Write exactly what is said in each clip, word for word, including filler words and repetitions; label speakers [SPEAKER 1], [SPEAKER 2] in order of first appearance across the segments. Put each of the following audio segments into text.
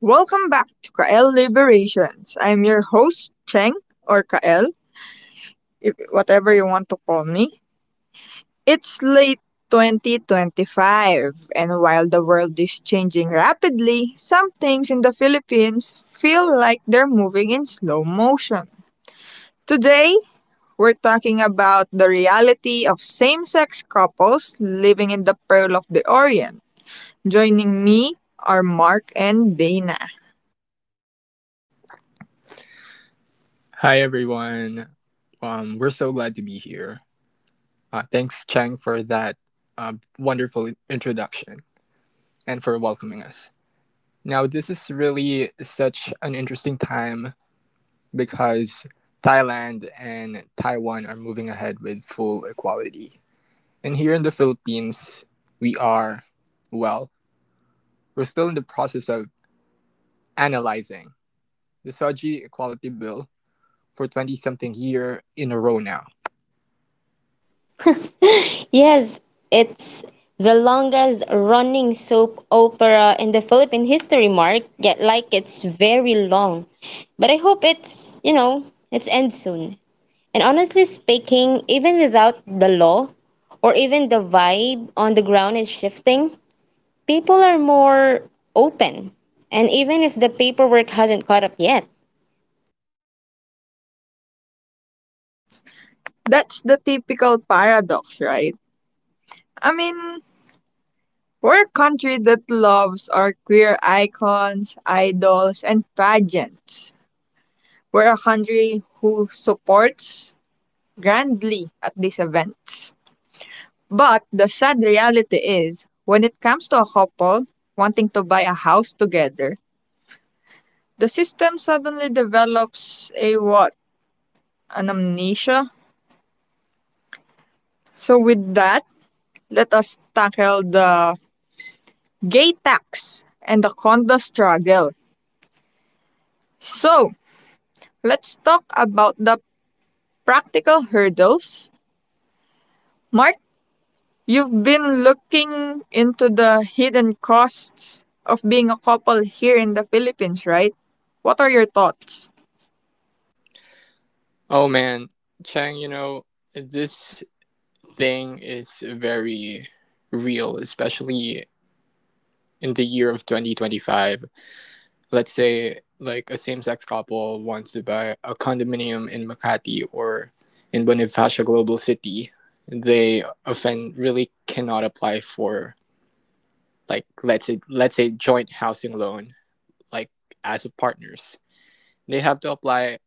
[SPEAKER 1] Welcome back to Kael Liberations. I'm your host, Cheng, or Kael, if, whatever you want to call me. It's late twenty twenty-five, and while the world is changing rapidly, some things in the Philippines feel like they're moving in slow motion. Today, we're talking about the reality of same sex couples living in the Pearl of the Orient. Joining me are Mark and Dana.
[SPEAKER 2] Hi, everyone. Um, we're so glad to be here. Uh, thanks, Chang, for that uh, wonderful introduction and for welcoming us. Now, this is really such an interesting time because Thailand and Taiwan are moving ahead with full equality. And here in the Philippines, we are, well, we're still in the process of analyzing the Soji Equality Bill for twenty something year in a row now.
[SPEAKER 3] Yes, it's the longest running soap opera in the Philippine history, Mark. Yet, like, it's very long. But I hope it's, you know, it's end soon. And honestly speaking, even without the law or even the vibe on the ground is shifting, people are more open. And even if the paperwork hasn't caught up yet.
[SPEAKER 1] That's the typical paradox, right? I mean, we're a country that loves our queer icons, idols, and pageants. We're a country who supports grandly at these events. But the sad reality is, when it comes to a couple wanting to buy a house together, the system suddenly develops a what? An amnesia? So, with that, let us tackle the gay tax and the condo struggle. So, let's talk about the practical hurdles. Mark, you've been looking into the hidden costs of being a couple here in the Philippines, right? What are your thoughts?
[SPEAKER 2] Oh man, Chang, you know, this thing is very real, especially in the year of twenty twenty-five. Let's say, like, a same sex couple wants to buy a condominium in Makati or in Bonifacio Global City. They often really cannot apply for, like, let's say, let's say joint housing loan, like, as of partners. They have to apply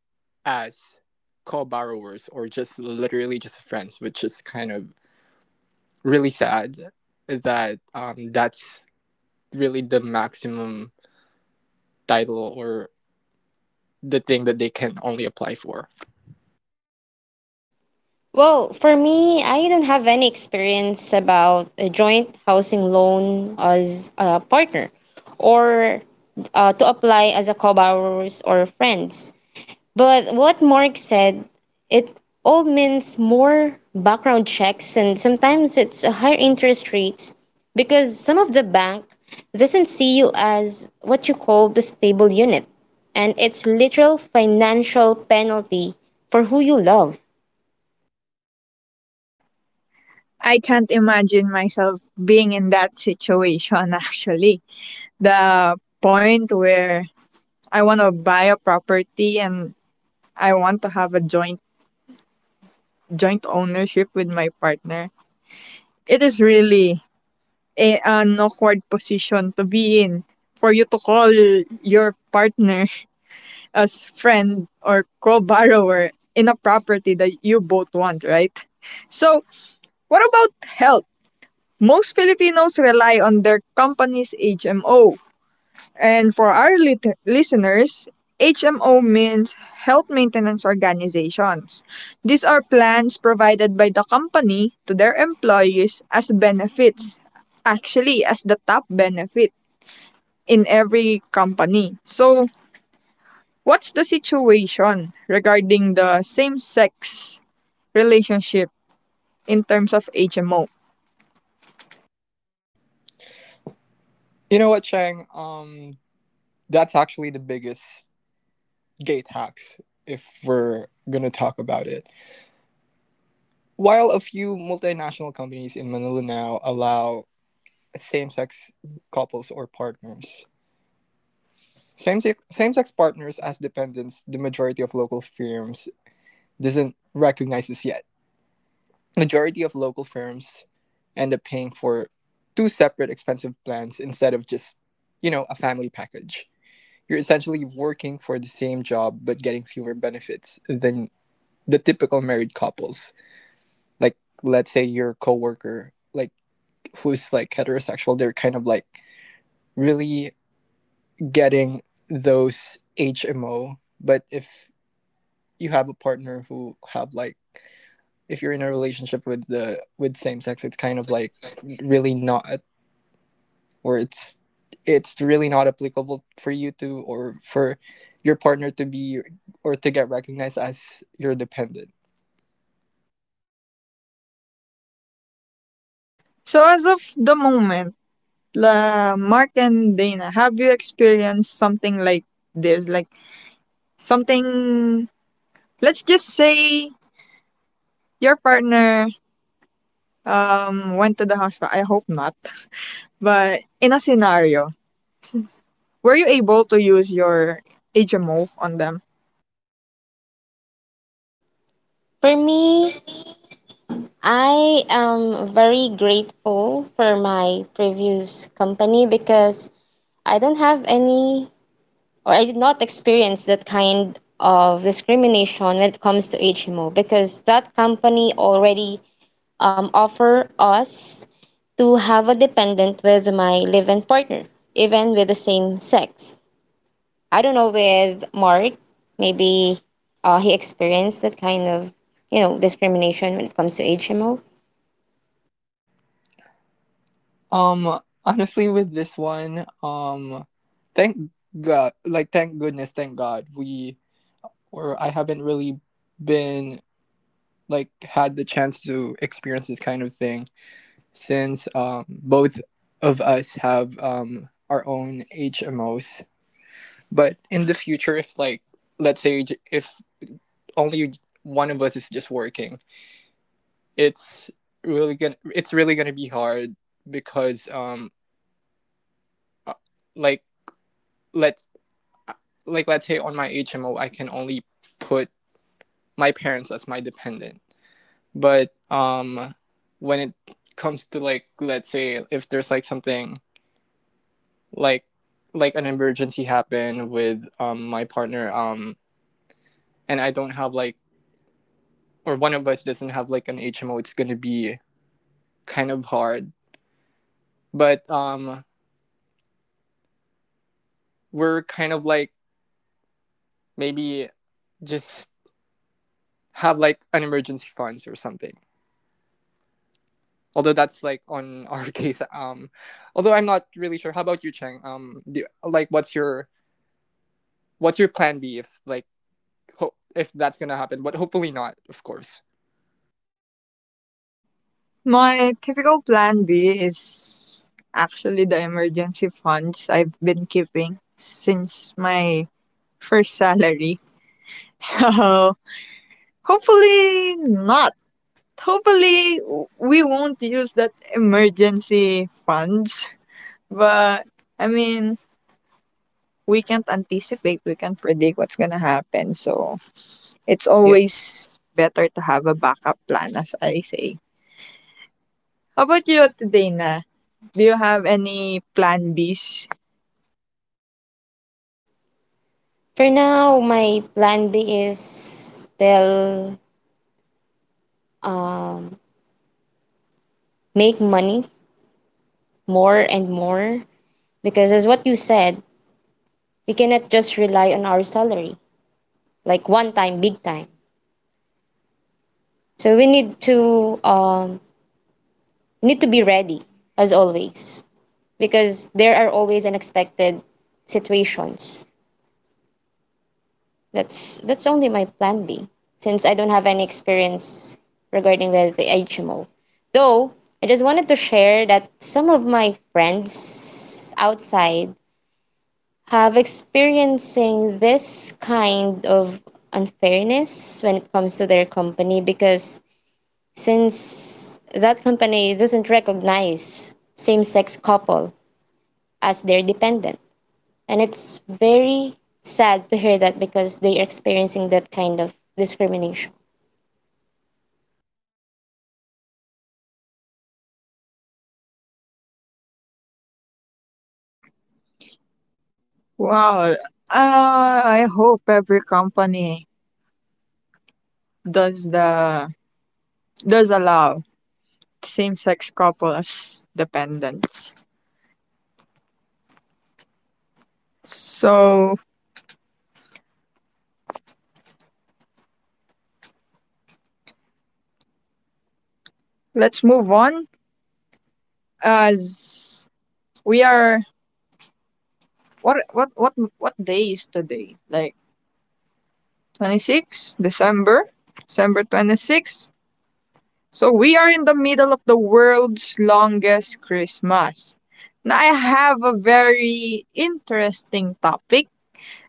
[SPEAKER 2] as co-borrowers or just literally just friends, which is kind of really sad that um, that's really the maximum title or the thing that they can only apply for.
[SPEAKER 3] Well, for me, I don't have any experience about a joint housing loan as a partner or uh, to apply as a co-borrowers or friends. But what Mark said, it all means more background checks and sometimes it's a higher interest rates because some of the bank doesn't see you as what you call the stable unit and it's literal financial penalty for who you love.
[SPEAKER 1] I can't imagine myself being in that situation actually. The point where I want to buy a property and I want to have a joint joint ownership with my partner. It is really a, an awkward position to be in for you to call your partner as friend or co-borrower in a property that you both want, right? So, what about health? Most Filipinos rely on their company's H M O. And for our lit- listeners, H M O means Health Maintenance Organizations. These are plans provided by the company to their employees as benefits, actually as the top benefit in every company. So, what's the situation regarding the same sex relationship in terms of H M O?
[SPEAKER 2] You know what, Chang? Um, that's actually the biggest gate hacks if we're going to talk about it. While a few multinational companies in Manila now allow same sex couples or partners, Same-sex, same-sex partners as dependents, the majority of local firms doesn't recognize this yet. Majority of local firms end up paying for two separate expensive plans instead of just, you know, a family package. You're essentially working for the same job but getting fewer benefits than the typical married couples. Like let's say your coworker, like who's like heterosexual, they're kind of like really getting those H M O. But if you have a partner who have like if you're in a relationship with the with same sex it's kind of like really not or it's it's really not applicable for you to or for your partner to be or to get recognized as your dependent.
[SPEAKER 1] So, as of the moment, La Mark and Dana, have you experienced something like this? Like something, let's just say your partner um, went to the hospital. I hope not. But in a scenario, were you able to use your H M O on them?
[SPEAKER 3] For me, I am very grateful for my previous company because I don't have any, or I did not experience that kind of discrimination when it comes to H M O because that company already um, offer us to have a dependent with my live-in partner, even with the same sex. I don't know with Mark, maybe uh, he experienced that kind of, you know, discrimination when it comes to H M O.
[SPEAKER 2] Um honestly, with this one, um thank god, like, thank goodness, thank god we or I haven't really been like had the chance to experience this kind of thing since, um, both of us have, um, our own H M Os. But in the future, if like let's say if only one of us is just working, it's really gonna it's really gonna be hard because um uh, like let like let's say on my H M O I can only put my parents as my dependent. But um, when it comes to, like, let's say if there's like something like like an emergency happened with um my partner um and I don't have like or one of us doesn't have like an H M O, it's gonna be kind of hard. But um, we're kind of like maybe just have like an emergency funds or something. Although that's like on our case. Um, although I'm not really sure. How about you, Cheng? Um, do, like what's your what's your plan B if like ho- if that's gonna happen, but hopefully not, of course.
[SPEAKER 1] My typical plan B is actually the emergency funds I've been keeping since my first salary. So, hopefully not. Hopefully we won't use that emergency funds, but I mean, we can't anticipate, we can't predict what's going to happen. So, it's
[SPEAKER 2] Yeah.
[SPEAKER 1] always better to have a backup plan as I say. How about you today, na? Do you have any plan Bs?
[SPEAKER 3] For now, my plan B is still um, make money more and more because, as what you said, we cannot just rely on our salary like one time, big time. So we need to um, need to be ready as always because there are always unexpected situations. That's that's only my plan B, since I don't have any experience regarding with the H M O. Though I just wanted to share that some of my friends outside have experiencing this kind of unfairness when it comes to their company because since that company doesn't recognize same-sex couple as their dependent and it's very sad to hear that because they are experiencing that kind of discrimination.
[SPEAKER 1] Wow. Uh, I hope every company does the does allow same-sex couples dependents. So let's move on. As we are, what what what what day is today? Like twenty six December, December twenty sixth. So we are in the middle of the world's longest Christmas. Now I have a very interesting topic,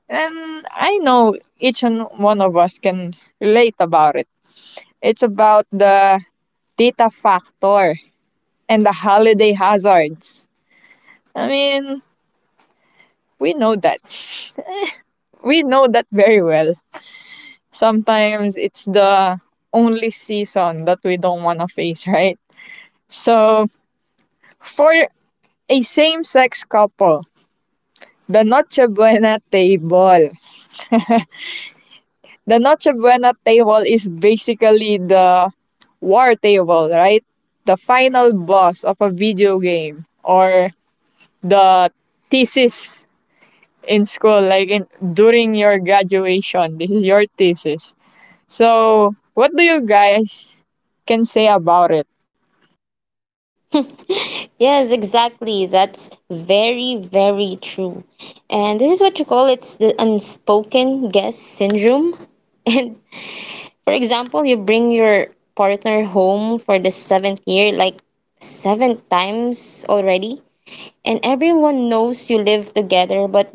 [SPEAKER 1] and I know each and one of us can relate about it. It's about the data factor and the holiday hazards. I mean, we know that. We know that very well. Sometimes it's the only season that we don't want to face, right? So, for a same sex couple, the Noche Buena table the Noche Buena table is basically the war table, right? The final boss of a video game or the thesis in school, like in during your graduation. This is your thesis. So, what do you guys can say about it?
[SPEAKER 3] Yes, exactly. That's very, very true. And this is what you call it's the unspoken guest syndrome. And for example, you bring your partner home for the seventh year, like seven times already, and everyone knows you live together, but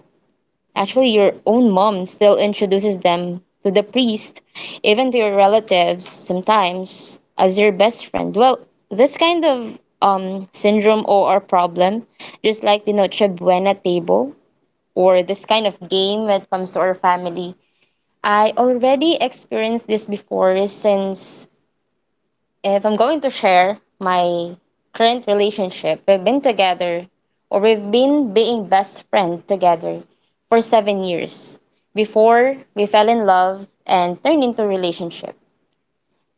[SPEAKER 3] actually, your own mom still introduces them to the priest, even to your relatives sometimes, as your best friend. Well, this kind of um, syndrome or, or problem, just like the Noche Buena table or this kind of game when it comes to our family, I already experienced this before since if I'm going to share my current relationship, we've been together or we've been being best friend together for seven years before we fell in love and turned into a relationship.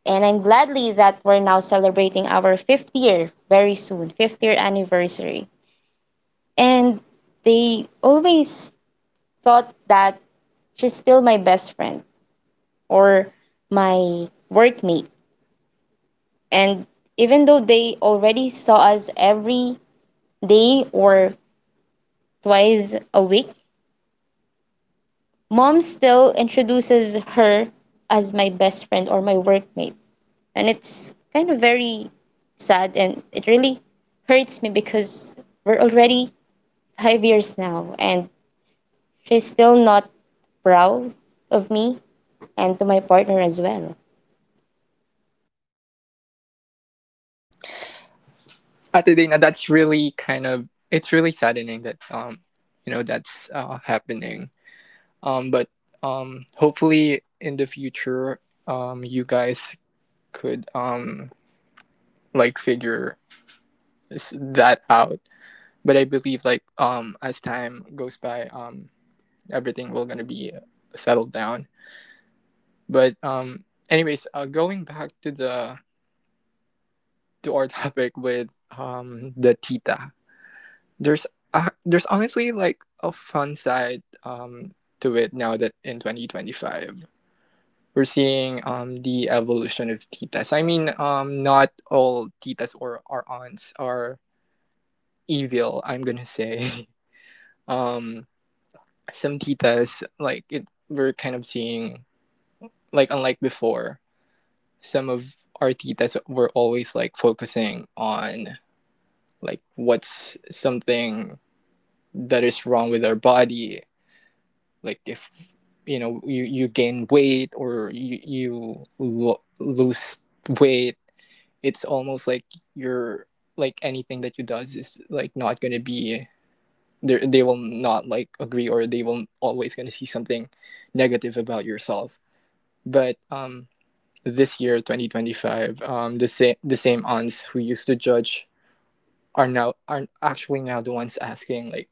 [SPEAKER 3] And I'm gladly that we're now celebrating our fifth year very soon, fifth year anniversary. And they always thought that she's still my best friend or my workmate. And even though they already saw us every day or twice a week, mom still introduces her as my best friend or my workmate. And it's kind of very sad and it really hurts me because we're already five years now and she's still not proud of me and to my partner as well.
[SPEAKER 2] Ate Dana, that's really kind of it's really saddening that um you know that's uh, happening. Um, but um hopefully in the future um you guys could um like figure that out. But I believe like um as time goes by um everything will gonna be settled down. But um anyways, uh, going back to the to our topic with um the tita. There's uh, there's honestly like a fun side um to it now that in twenty twenty-five we're seeing um the evolution of titas. I mean um not all titas or our aunts are evil. I'm gonna say um some titas like it we're kind of seeing like unlike before some of our titas were always like focusing on like what's something that is wrong with our body. Like if you know you you gain weight or you you lo- lose weight, it's almost like you're like anything that you does is like not gonna be they they will not like agree or they will always gonna see something negative about yourself. But um this year twenty twenty-five um the same the same aunts who used to judge are now are actually now the ones asking like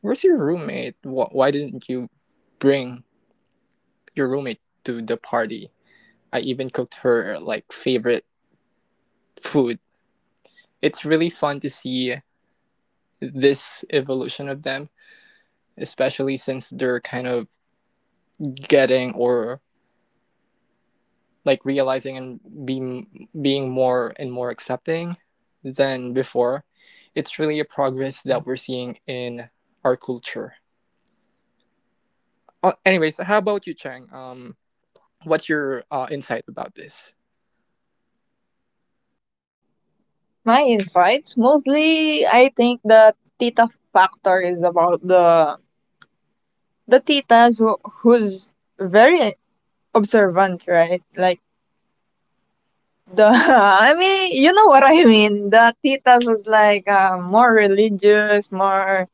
[SPEAKER 2] where's your roommate. Wh- why didn't you bring your roommate to the party. I even cooked her like favorite food. It's really fun to see this evolution of them, especially since they're kind of getting or like realizing and being being more and more accepting than before. It's really a progress that we're seeing in our culture. Uh, anyways, how about you, Chang? Um, What's your uh, insight about this?
[SPEAKER 1] My insights mostly, I think the tita factor is about the the titas who, who's very observant, right? Like the I mean, you know what I mean. The titas was like uh, more religious, more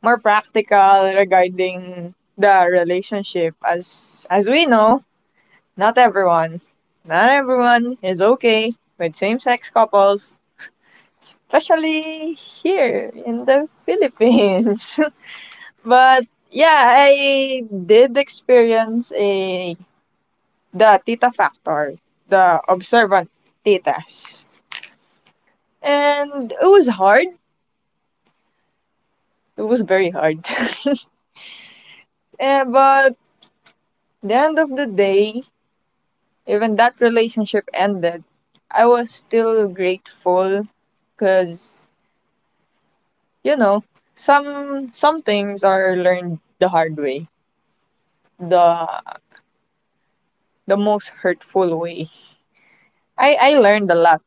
[SPEAKER 1] more practical regarding the relationship. As as we know, not everyone, not everyone is okay with same sex couples, especially here in the Philippines. But yeah, I did experience a the tita factor, the observant titas, and it was hard. It was very hard. Eh, but the end of the day, even that relationship ended, I was still grateful because you know some some things are learned the hard way, the the most hurtful way. I I learned a lot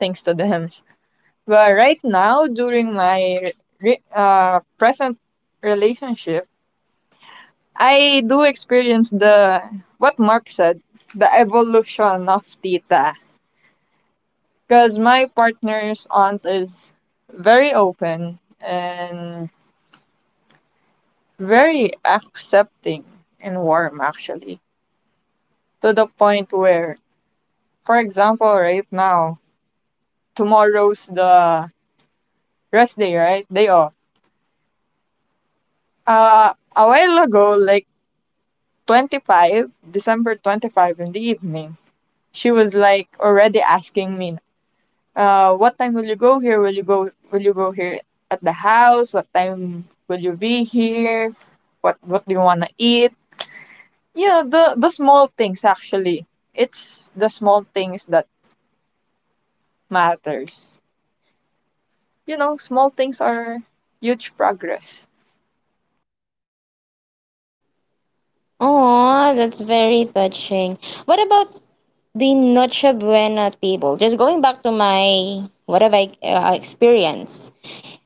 [SPEAKER 1] thanks to them. But right now, during my re- uh, present relationship, I do experience the what Mark said, the evolution of Tita. Because my partner's aunt is very open and very accepting and warm, actually, to the point where, for example, right now, tomorrow's the rest day, right? Day off. Uh, a while ago, like twenty-five, December twenty-fifth in the evening, she was like already asking me, uh, what time will you go here? Will you go? Will you go here at the house? What time will you be here? What What do you wanna eat? Yeah, the the small things actually. It's the small things that matters. You know, small things are huge progress.
[SPEAKER 3] Oh, that's very touching. What about the Noche Buena table? Just going back to my what have I uh, experienced?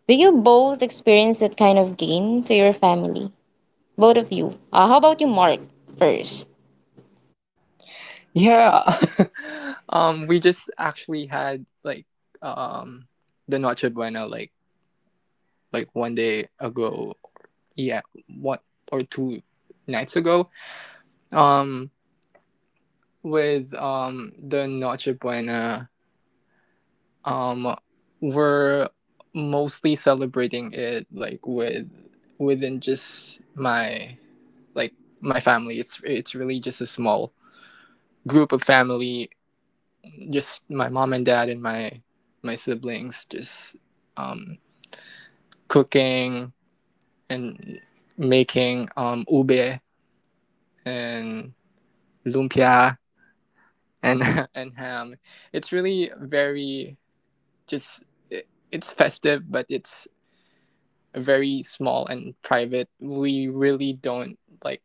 [SPEAKER 3] Do you both experience that kind of game to your family? Both of you. Uh, how about you, Mark, first?
[SPEAKER 2] Yeah, um, we just actually had like um, the Noche Buena like like one day ago. Yeah, one or two nights ago. Um, with um the Noche Buena, Um, we're mostly celebrating it like with within just my like my family. It's it's really just a small group of family, just my mom and dad and my my siblings. Just um, cooking and making um ube and lumpia and and ham. It's really very just it, it's festive, but it's very small and private. We really don't like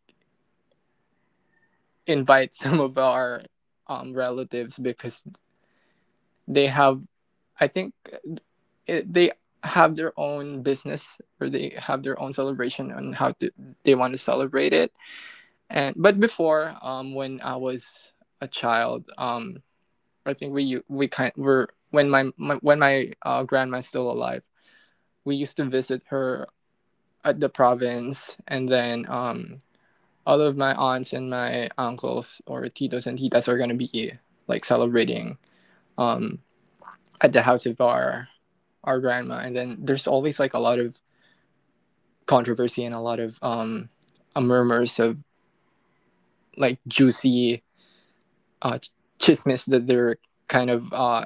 [SPEAKER 2] invite some of our um, relatives because they have, I think, it, they have their own business or they have their own celebration on how to, they want to celebrate it. And but before, um, when I was a child, um, I think we we kind were when my, my when my uh, grandma's still alive, we used to visit her at the province, and then um, all of my aunts and my uncles or titos and titas are gonna be like celebrating, um, at the house of our our grandma, and then there's always like a lot of controversy and a lot of um, uh, murmurs of like juicy uh, chismes that they're kind of uh,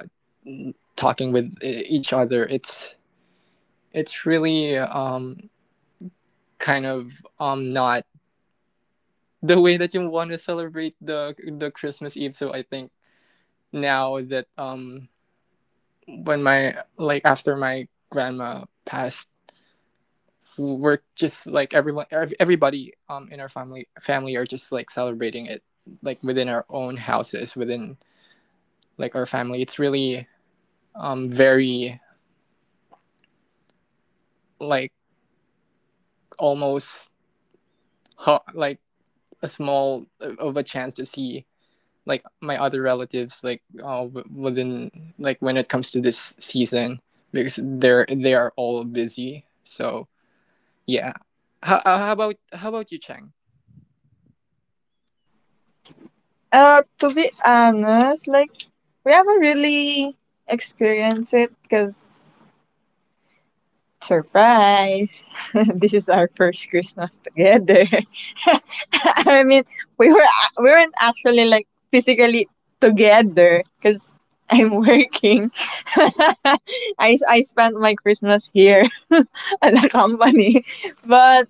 [SPEAKER 2] talking with e- each other. It's it's really um, kind of um, not the way that you want to celebrate the the Christmas Eve. So I think now that um, when my like after my grandma passed we're just like everyone ev- everybody um in our family family are just like celebrating it like within our own houses within like our family it's really um very like almost ho- like a small uh, of a chance to see like my other relatives like uh, within like when it comes to this season because they're they are all busy so yeah how, uh, how about how about you cheng.
[SPEAKER 1] Uh, to be honest, like we haven't really experienced it because surprise, this is our first Christmas together. I mean, we were we weren't actually like physically together because I'm working. I I spent my Christmas here at the company, but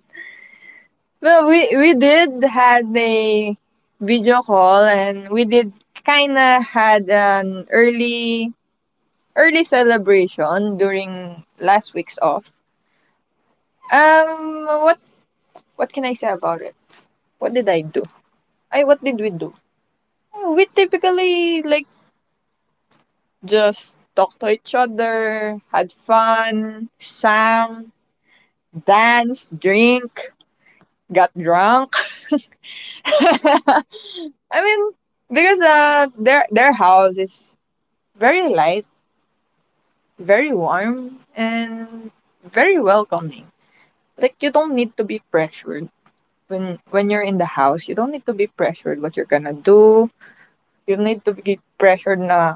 [SPEAKER 1] well, we we did had a video call and we did kind of had an early early celebration during last week's off. Um, what what can I say about it? What did I do? I What did we do? We typically like just talked to each other, had fun, sang, danced, drink, got drunk. I mean, because uh, their their house is very light, very warm, and very welcoming. Like you don't need to be pressured when when you're in the house. You don't need to be pressured what you're gonna do. You don't need to be pressured na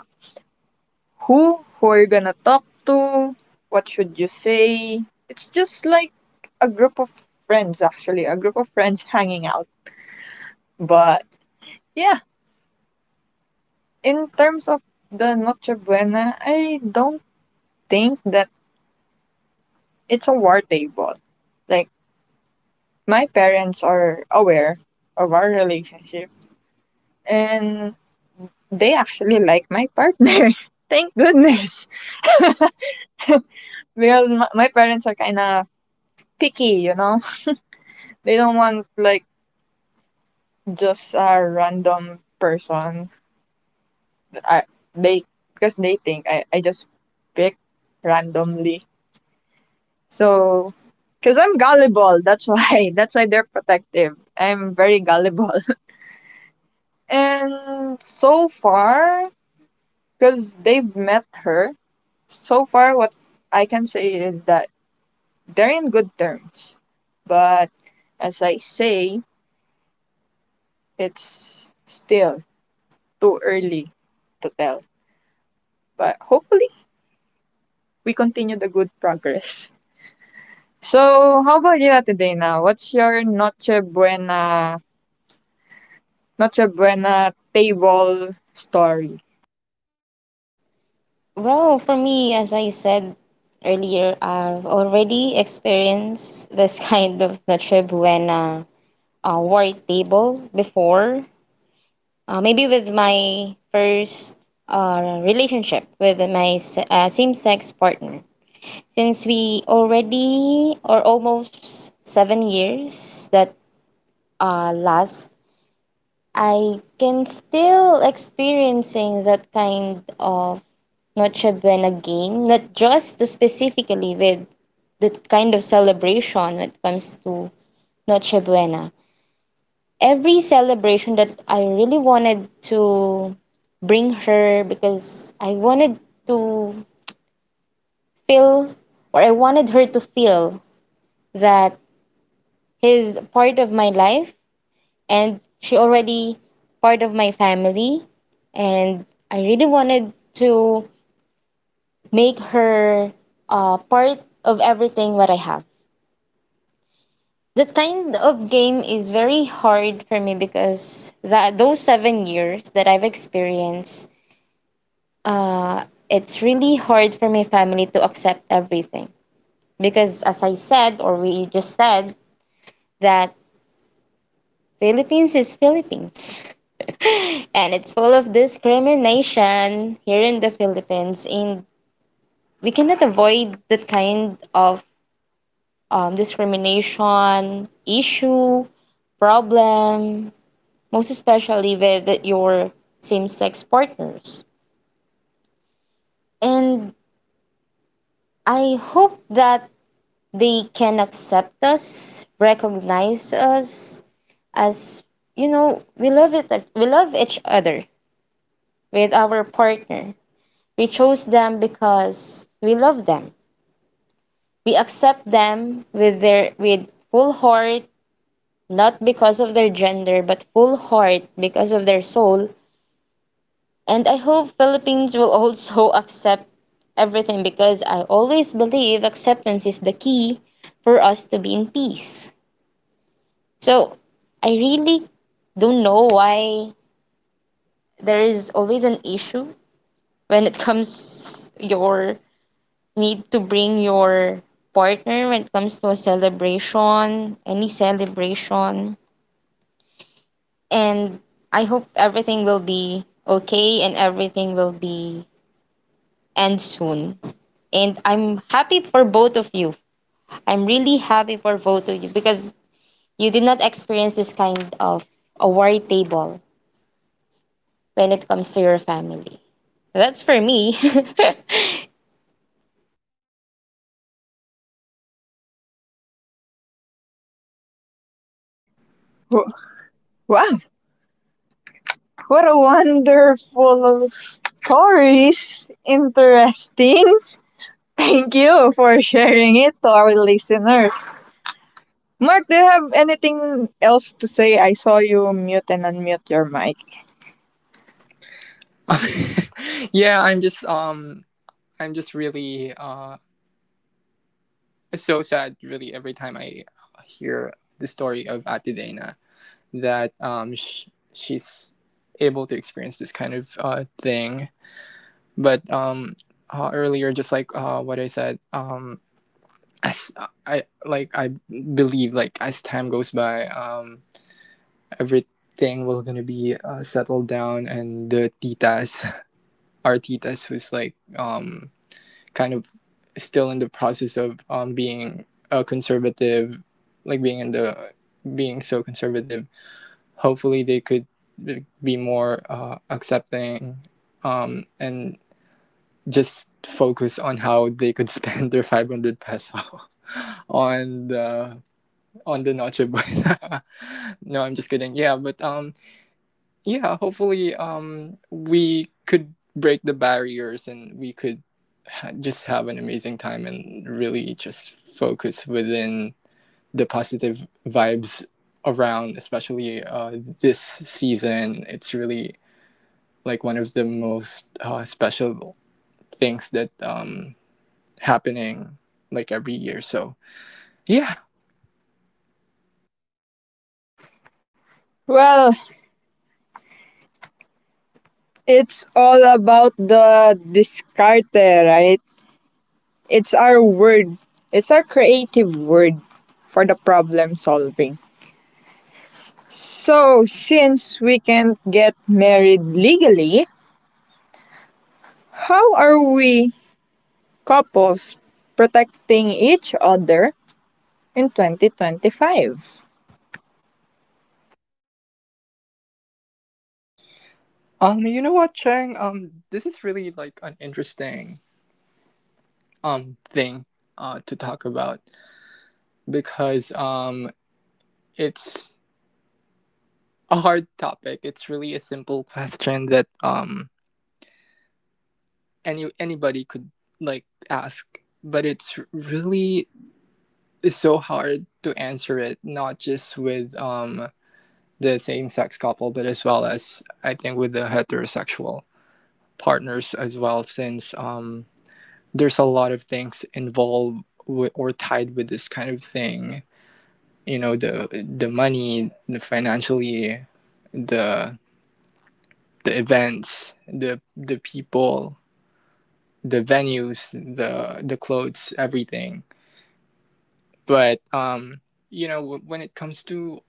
[SPEAKER 1] who who are you gonna talk to, what should you say? It's just like a group of friends, actually a group of friends hanging out. But yeah, in terms of the noche buena, I don't think that it's a war table. Like my parents are aware of our relationship, and they actually like my partner, thank goodness. Because my, my parents are kind of picky, you know. They don't want like just a random person. I They, because they think I, I just pick randomly. So because I'm gullible, that's why that's why they're protective. I'm very gullible. And so far, because they've met her, so far what I can say is that they're in good terms. But as I say, it's still too early to tell. But hopefully we continue the good progress. So, how about you, today, now? What's your Noche Buena, Noche Buena table story?
[SPEAKER 3] Well, for me, as I said earlier, I've already experienced this kind of Noche Buena uh, war table before. Uh, maybe with my first uh, relationship with my se- uh, same sex partner. Since we already or almost seven years that uh, last I can still experiencing that kind of Noche Buena game, not just specifically with the kind of celebration when it comes to Noche Buena. Every celebration that I really wanted to bring her because I wanted to feel or I wanted her to feel that he's part of my life and she already part of my family and I really wanted to make her uh, part of everything what I have. That kind of game is very hard for me because that those seven years that I've experienced, uh, it's really hard for my family to accept everything. Because as I said, or we just said, that Philippines is Philippines. And it's full of discrimination here in the Philippines. And we cannot avoid that kind of um, discrimination issue, problem, most especially with your same sex partners. And I hope that they can accept us, recognize us as, you know, we love it we love each other with our partner. We chose them because we love them. We accept them with their with full heart, not because of their gender, but full heart because of their soul. And I hope Philippines will also accept everything because I always believe acceptance is the key for us to be in peace. So I really don't know why there is always an issue when it comes your need to bring your partner when it comes to a celebration, any celebration. And I hope everything will be okay and everything will be end soon. And I'm happy for both of you. I'm really happy for both of you because you did not experience this kind of a worry table when it comes to your family. That's for me.
[SPEAKER 1] Wh- Wow, what a wonderful stories. Interesting. Thank you for sharing it to our listeners. Mark, do you have anything else to say? I saw you mute and unmute your mic.
[SPEAKER 2] Yeah, I'm just um I'm just really uh so sad really every time I hear the story of Atidena that um sh- she's able to experience this kind of uh thing. But um uh, earlier just like uh what I said, um as uh, I like I believe like as time goes by um everything will gonna be, uh, settled down, and the titas our titas who's like um kind of still in the process of um, being a conservative, like being in the being so conservative. Hopefully, they could like, be more uh, accepting, um, and just focus on how they could spend their five hundred peso on the on the noche buena. No, I'm just kidding. Yeah, but um, yeah hopefully um we could break the barriers and we could ha- just have an amazing time and really just focus within the positive vibes around especially uh this season it's really like one of the most uh, special things that um happening like every year so yeah.
[SPEAKER 1] Well, it's all about the discarte, right? It's our word. It's our creative word for the problem solving. So, since we can't get married legally, how are we couples protecting each other in twenty twenty-five?
[SPEAKER 2] Um you know what chang, um this is really like an interesting um thing uh to talk about because um it's a hard topic. It's really a simple question that um any anybody could like ask, but it's really so hard to answer it not just with um the same sex couple but as well as I think with the heterosexual partners as well since um there's a lot of things involved with, or tied with this kind of thing. You know the the money, the financially, the the events, the the people, the venues, the the clothes, everything. But um, you know, w- when it comes to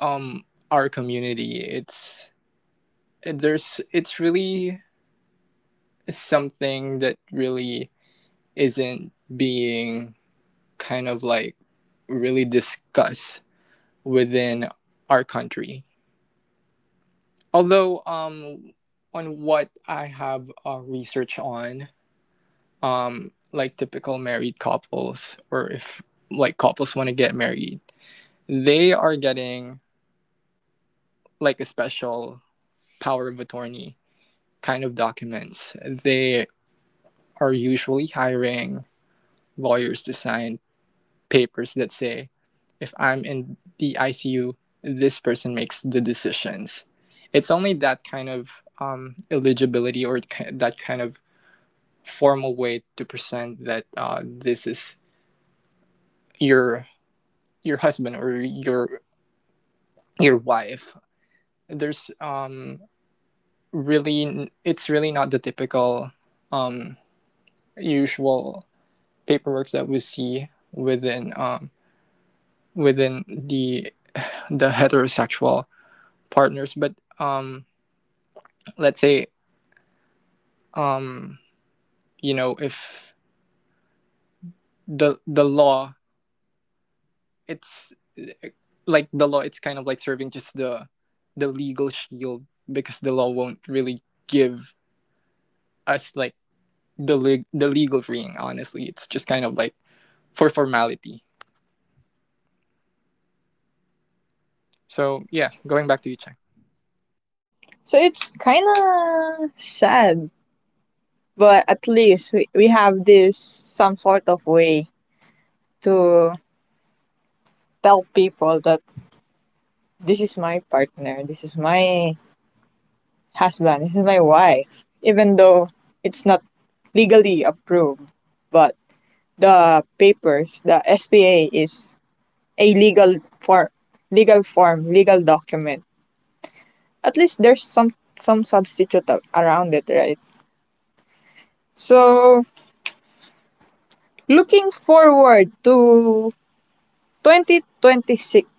[SPEAKER 2] um our community, it's there's it's really something that really isn't being kind of like really discussed within our country. Although um on what I have uh, research on, um like typical married couples, or if like couples want to get married, they are getting like a special power of attorney kind of documents. They are usually hiring lawyers to sign papers that say if I'm in the ICU, this person makes the decisions. It's only that kind of um, eligibility, or that kind of formal way to present that uh, this is your your husband or your your wife. There's um really, it's really not the typical um usual paperwork that we see within um within the the heterosexual partners. But um let's say, um you know, if the the law, it's like the law, it's kind of like serving just the the legal shield, because the law won't really give us like the leg the legal ring. Honestly, it's just kind of like for formality. So yeah, going back to you, Chang.
[SPEAKER 1] So, it's kind of sad, but at least we, we have this some sort of way to tell people that this is my partner, this is my husband, this is my wife, even though it's not legally approved. But the papers, the S P A is a legal form, legal form, legal document. At least there's some some substitute a- around it, right? So looking forward to twenty twenty-six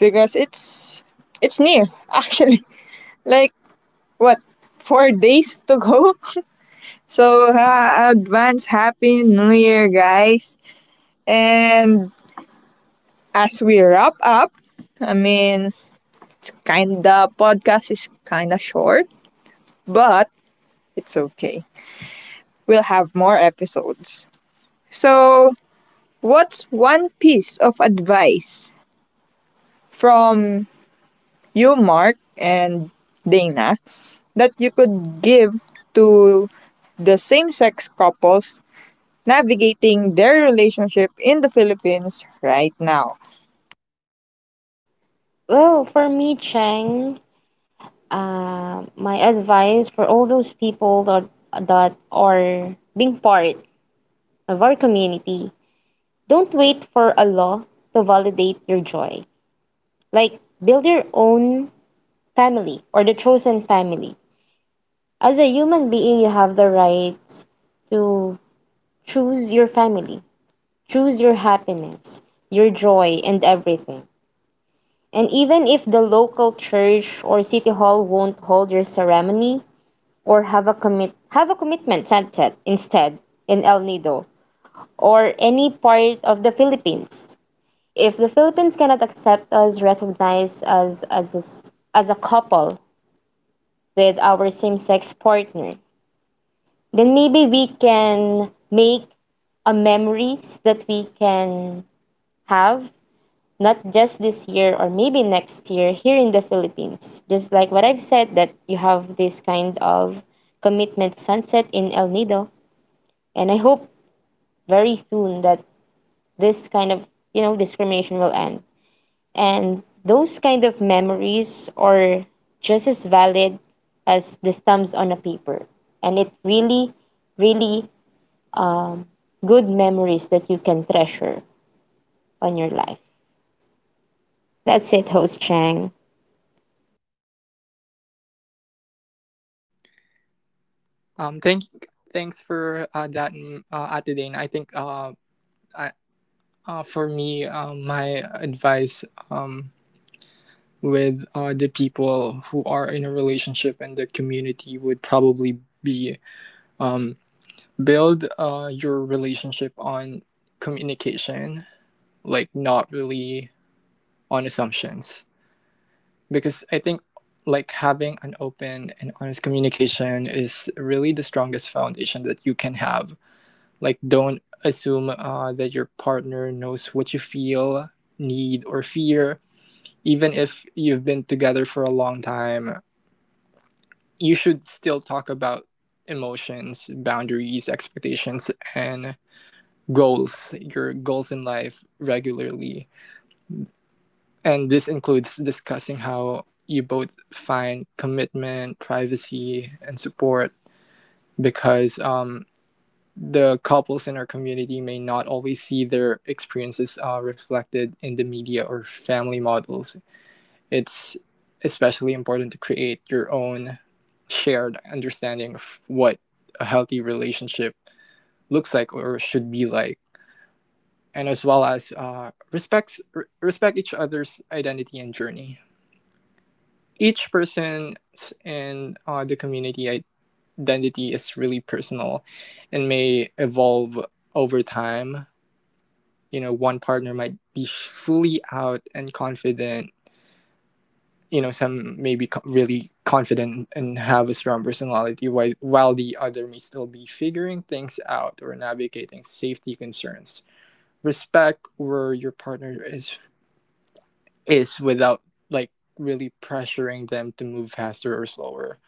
[SPEAKER 1] because it's it's near actually. Like what, four days to go. So, ha- advance Happy New Year, guys. And as we wrap up, I mean, it's kind of podcast is kind of short, but it's okay. We'll have more episodes. So, what's one piece of advice from you, Mark and Dana, that you could give to the same sex couples navigating their relationship in the Philippines right now?
[SPEAKER 3] Well, for me, Chang, Uh, my advice for all those people that, that are being part of our community, don't wait for a law to validate your joy. Like, build your own family or the chosen family. As a human being, you have the right to choose your family, choose your happiness, your joy, and everything. And even if the local church or city hall won't hold your ceremony, or have a commit have a commitment sunset instead in El Nido or any part of the Philippines. If the Philippines cannot accept us recognize us as a, s- as a couple with our same-sex partner, then maybe we can make a memories that we can have not just this year or maybe next year here in the Philippines. Just like what I've said that you have this kind of commitment sunset in El Nido and I hope very soon that this kind of, you know, discrimination will end and those kind of memories are just as valid as the stamps on a paper and it's really really good memories that you can treasure on your life. That's it, host Chang.
[SPEAKER 2] Um, thank thanks for uh, that, mm, uh, Ate Dane. I think uh, I, uh, for me, um, my advice um with uh, the people who are in a relationship and the community would probably be um build uh your relationship on communication, like not really on assumptions, because I think like having an open and honest communication is really the strongest foundation that you can have. Like, don't assume uh, that your partner knows what you feel, need, or fear. Even if you've been together for a long time, you should still talk about emotions, boundaries, expectations, and goals, your goals in life regularly. And this includes discussing how you both find commitment, privacy, and support, because um, the couples in our community may not always see their experiences uh, reflected in the media or family models. It's especially important to create your own shared understanding of what a healthy relationship looks like or should be like, and as well as uh, respects r- respect each other's identity and journey. Each person in uh, the community, identity is really personal and may evolve over time. You know, one partner might be fully out and confident. You know, some may be co- really confident and have a strong personality, while, while the other may still be figuring things out or navigating safety concerns. Respect where your partner is is without like really pressuring them to move faster or slower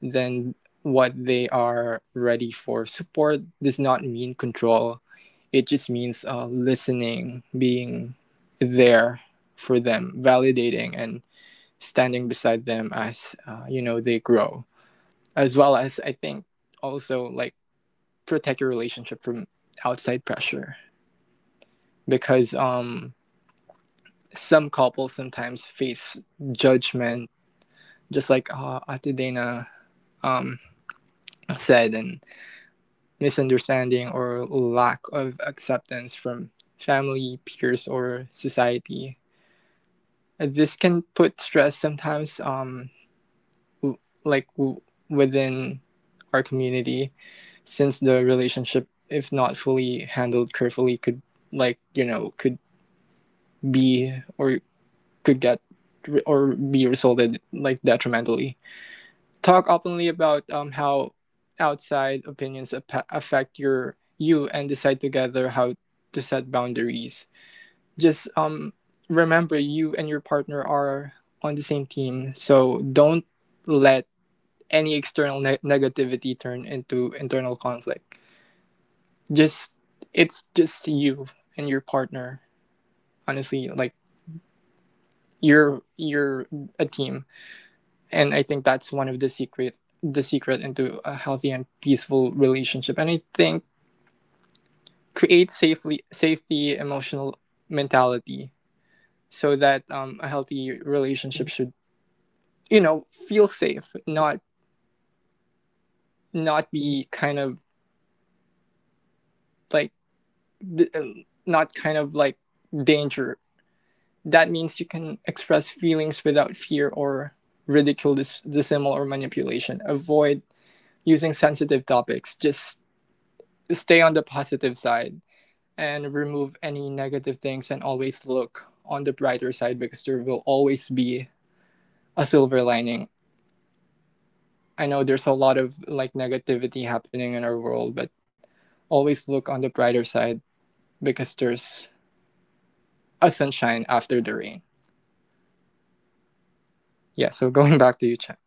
[SPEAKER 2] then what they are ready for. Support does not mean control, it just means uh, listening, being there for them, validating, and standing beside them as, uh, you know, they grow. As well as, I think, also like protect your relationship from outside pressure, because um some couples sometimes face judgment, just like uh, Ate Dana um, said, and misunderstanding or lack of acceptance from family, peers, or society. Uh, This can put stress sometimes, um, w- like w- within our community, since the relationship, if not fully handled carefully, could, like, you know, could be or could get or be resulted like detrimentally. Talk openly about um, how outside opinions ap- affect your you, and decide together how to set boundaries. Just um, remember you and your partner are on the same team, so don't let any external ne- negativity turn into internal conflict. Just it's just you and your partner. Honestly, like you're you're a team, and I think that's one of the secret the secret into a healthy and peaceful relationship. And I think create safely safety emotional mentality, so that um, a healthy relationship should, you know, feel safe, not not be kind of like d- uh, not kind of like danger. That means you can express feelings without fear or ridicule, dis- dissimul, or manipulation. Avoid using sensitive topics, just stay on the positive side and remove any negative things, and always look on the brighter side, because there will always be a silver lining. I know there's a lot of like negativity happening in our world, but always look on the brighter side, because there's a sunshine after the rain. Yeah, so going back to you, Chang.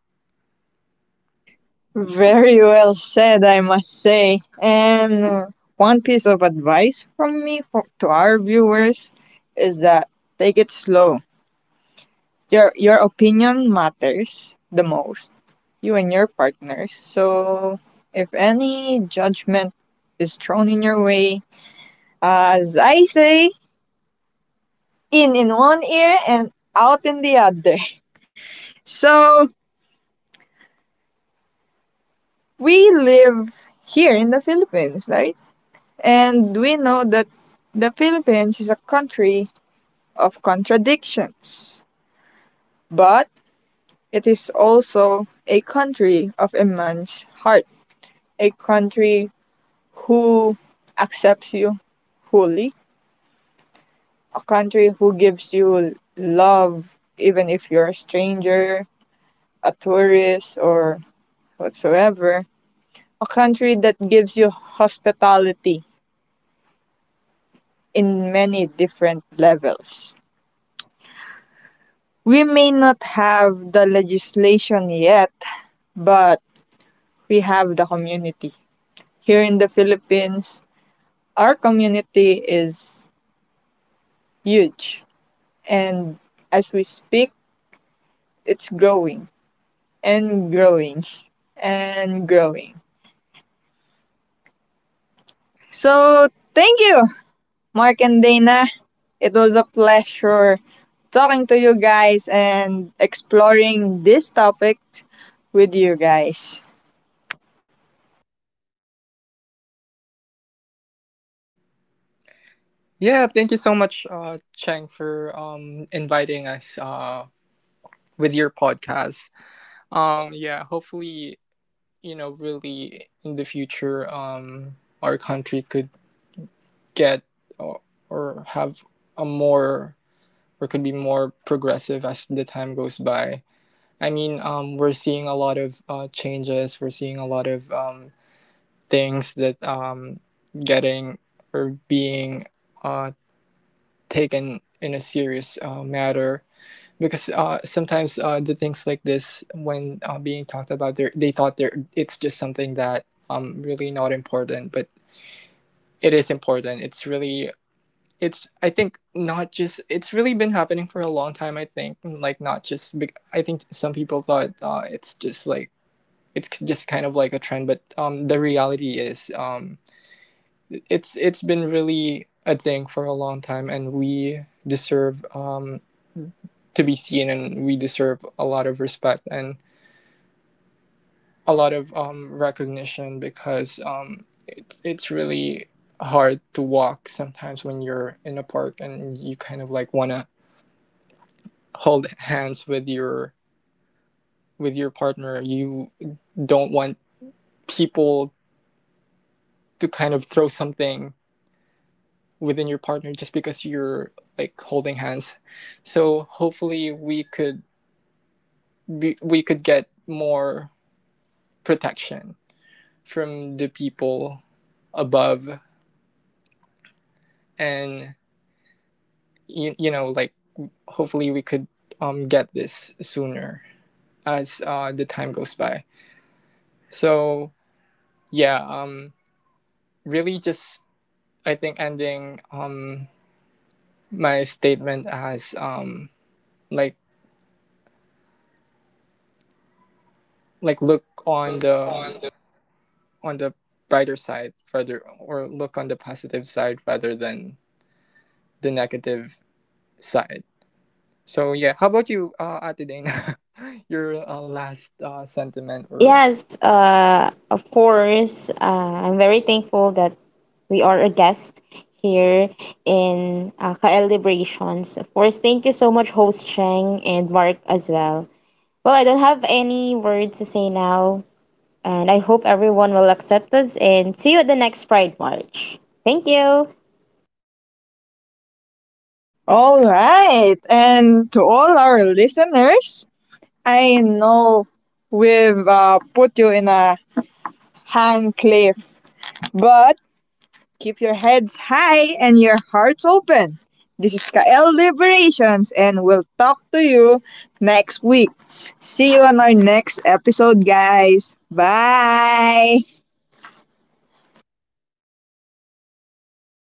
[SPEAKER 1] Very well said, I must say. And one piece of advice from me for, to our viewers is that take it slow. Your your opinion matters the most. You and your partners. So if any judgment is thrown in your way, as I say, in in one ear and out in the other. So we live here in the Philippines, right? And we know that the Philippines is a country of contradictions, but it is also a country of immense heart, a country who accepts you fully, a country who gives you love even if you're a stranger, a tourist, or whatsoever, a country that gives you hospitality in many different levels. We may not have the legislation yet, but we have the community. Here in the Philippines, our community is huge. And as we speak, it's growing and growing and growing. So, thank you, Mark and Dana. It was a pleasure talking to you guys and exploring this topic with you guys.
[SPEAKER 2] Yeah, thank you so much, uh, Chang, for um, inviting us uh, with your podcast. Um, yeah, hopefully, you know, really in the future, um, our country could get or, or have a more, or could be more progressive as the time goes by. I mean, um, we're seeing a lot of uh, changes. We're seeing a lot of um, things that um, getting or being uh, taken in a serious uh, matter, because uh, sometimes uh, the things like this, when uh, being talked about, they they thought they're, it's just something that um really not important, but it is important. It's really, it's, I think, not just, it's really been happening for a long time. I think, like, not just bec- I think some people thought uh, it's just like, it's just kind of like a trend, but um, the reality is, um, it's it's been really a thing for a long time, and we deserve, um, to be seen, and we deserve a lot of respect and a lot of um, recognition, because um, it's it's really hard to walk sometimes when you're in a park and you kind of like want to hold hands with your with your partner. You don't want people to kind of throw something within your partner just because you're like holding hands. So hopefully we could be, we could get more protection from the people above, and you, you know, like hopefully we could um, get this sooner as uh, the time goes by. So yeah, um really just I think ending um my statement as um like like look on the on the brighter side, rather, or look on the positive side rather than the negative side. So yeah, how about you, uh, Ate Dana? Your uh, last uh, sentiment or
[SPEAKER 3] Yes, uh, of course, uh, I'm very thankful that we are a guest here in uh, K L Liberations. Of course, thank you so much, host Chang and Mark as well. Well, I don't have any words to say now, and I hope everyone will accept us and see you at the next Pride March. Thank you.
[SPEAKER 1] All right. And to all our listeners, I know we've uh, put you in a hang cliff, but keep your heads high and your hearts open. This is Kael Liberations, and we'll talk to you next week. See you on our next episode, guys. Bye.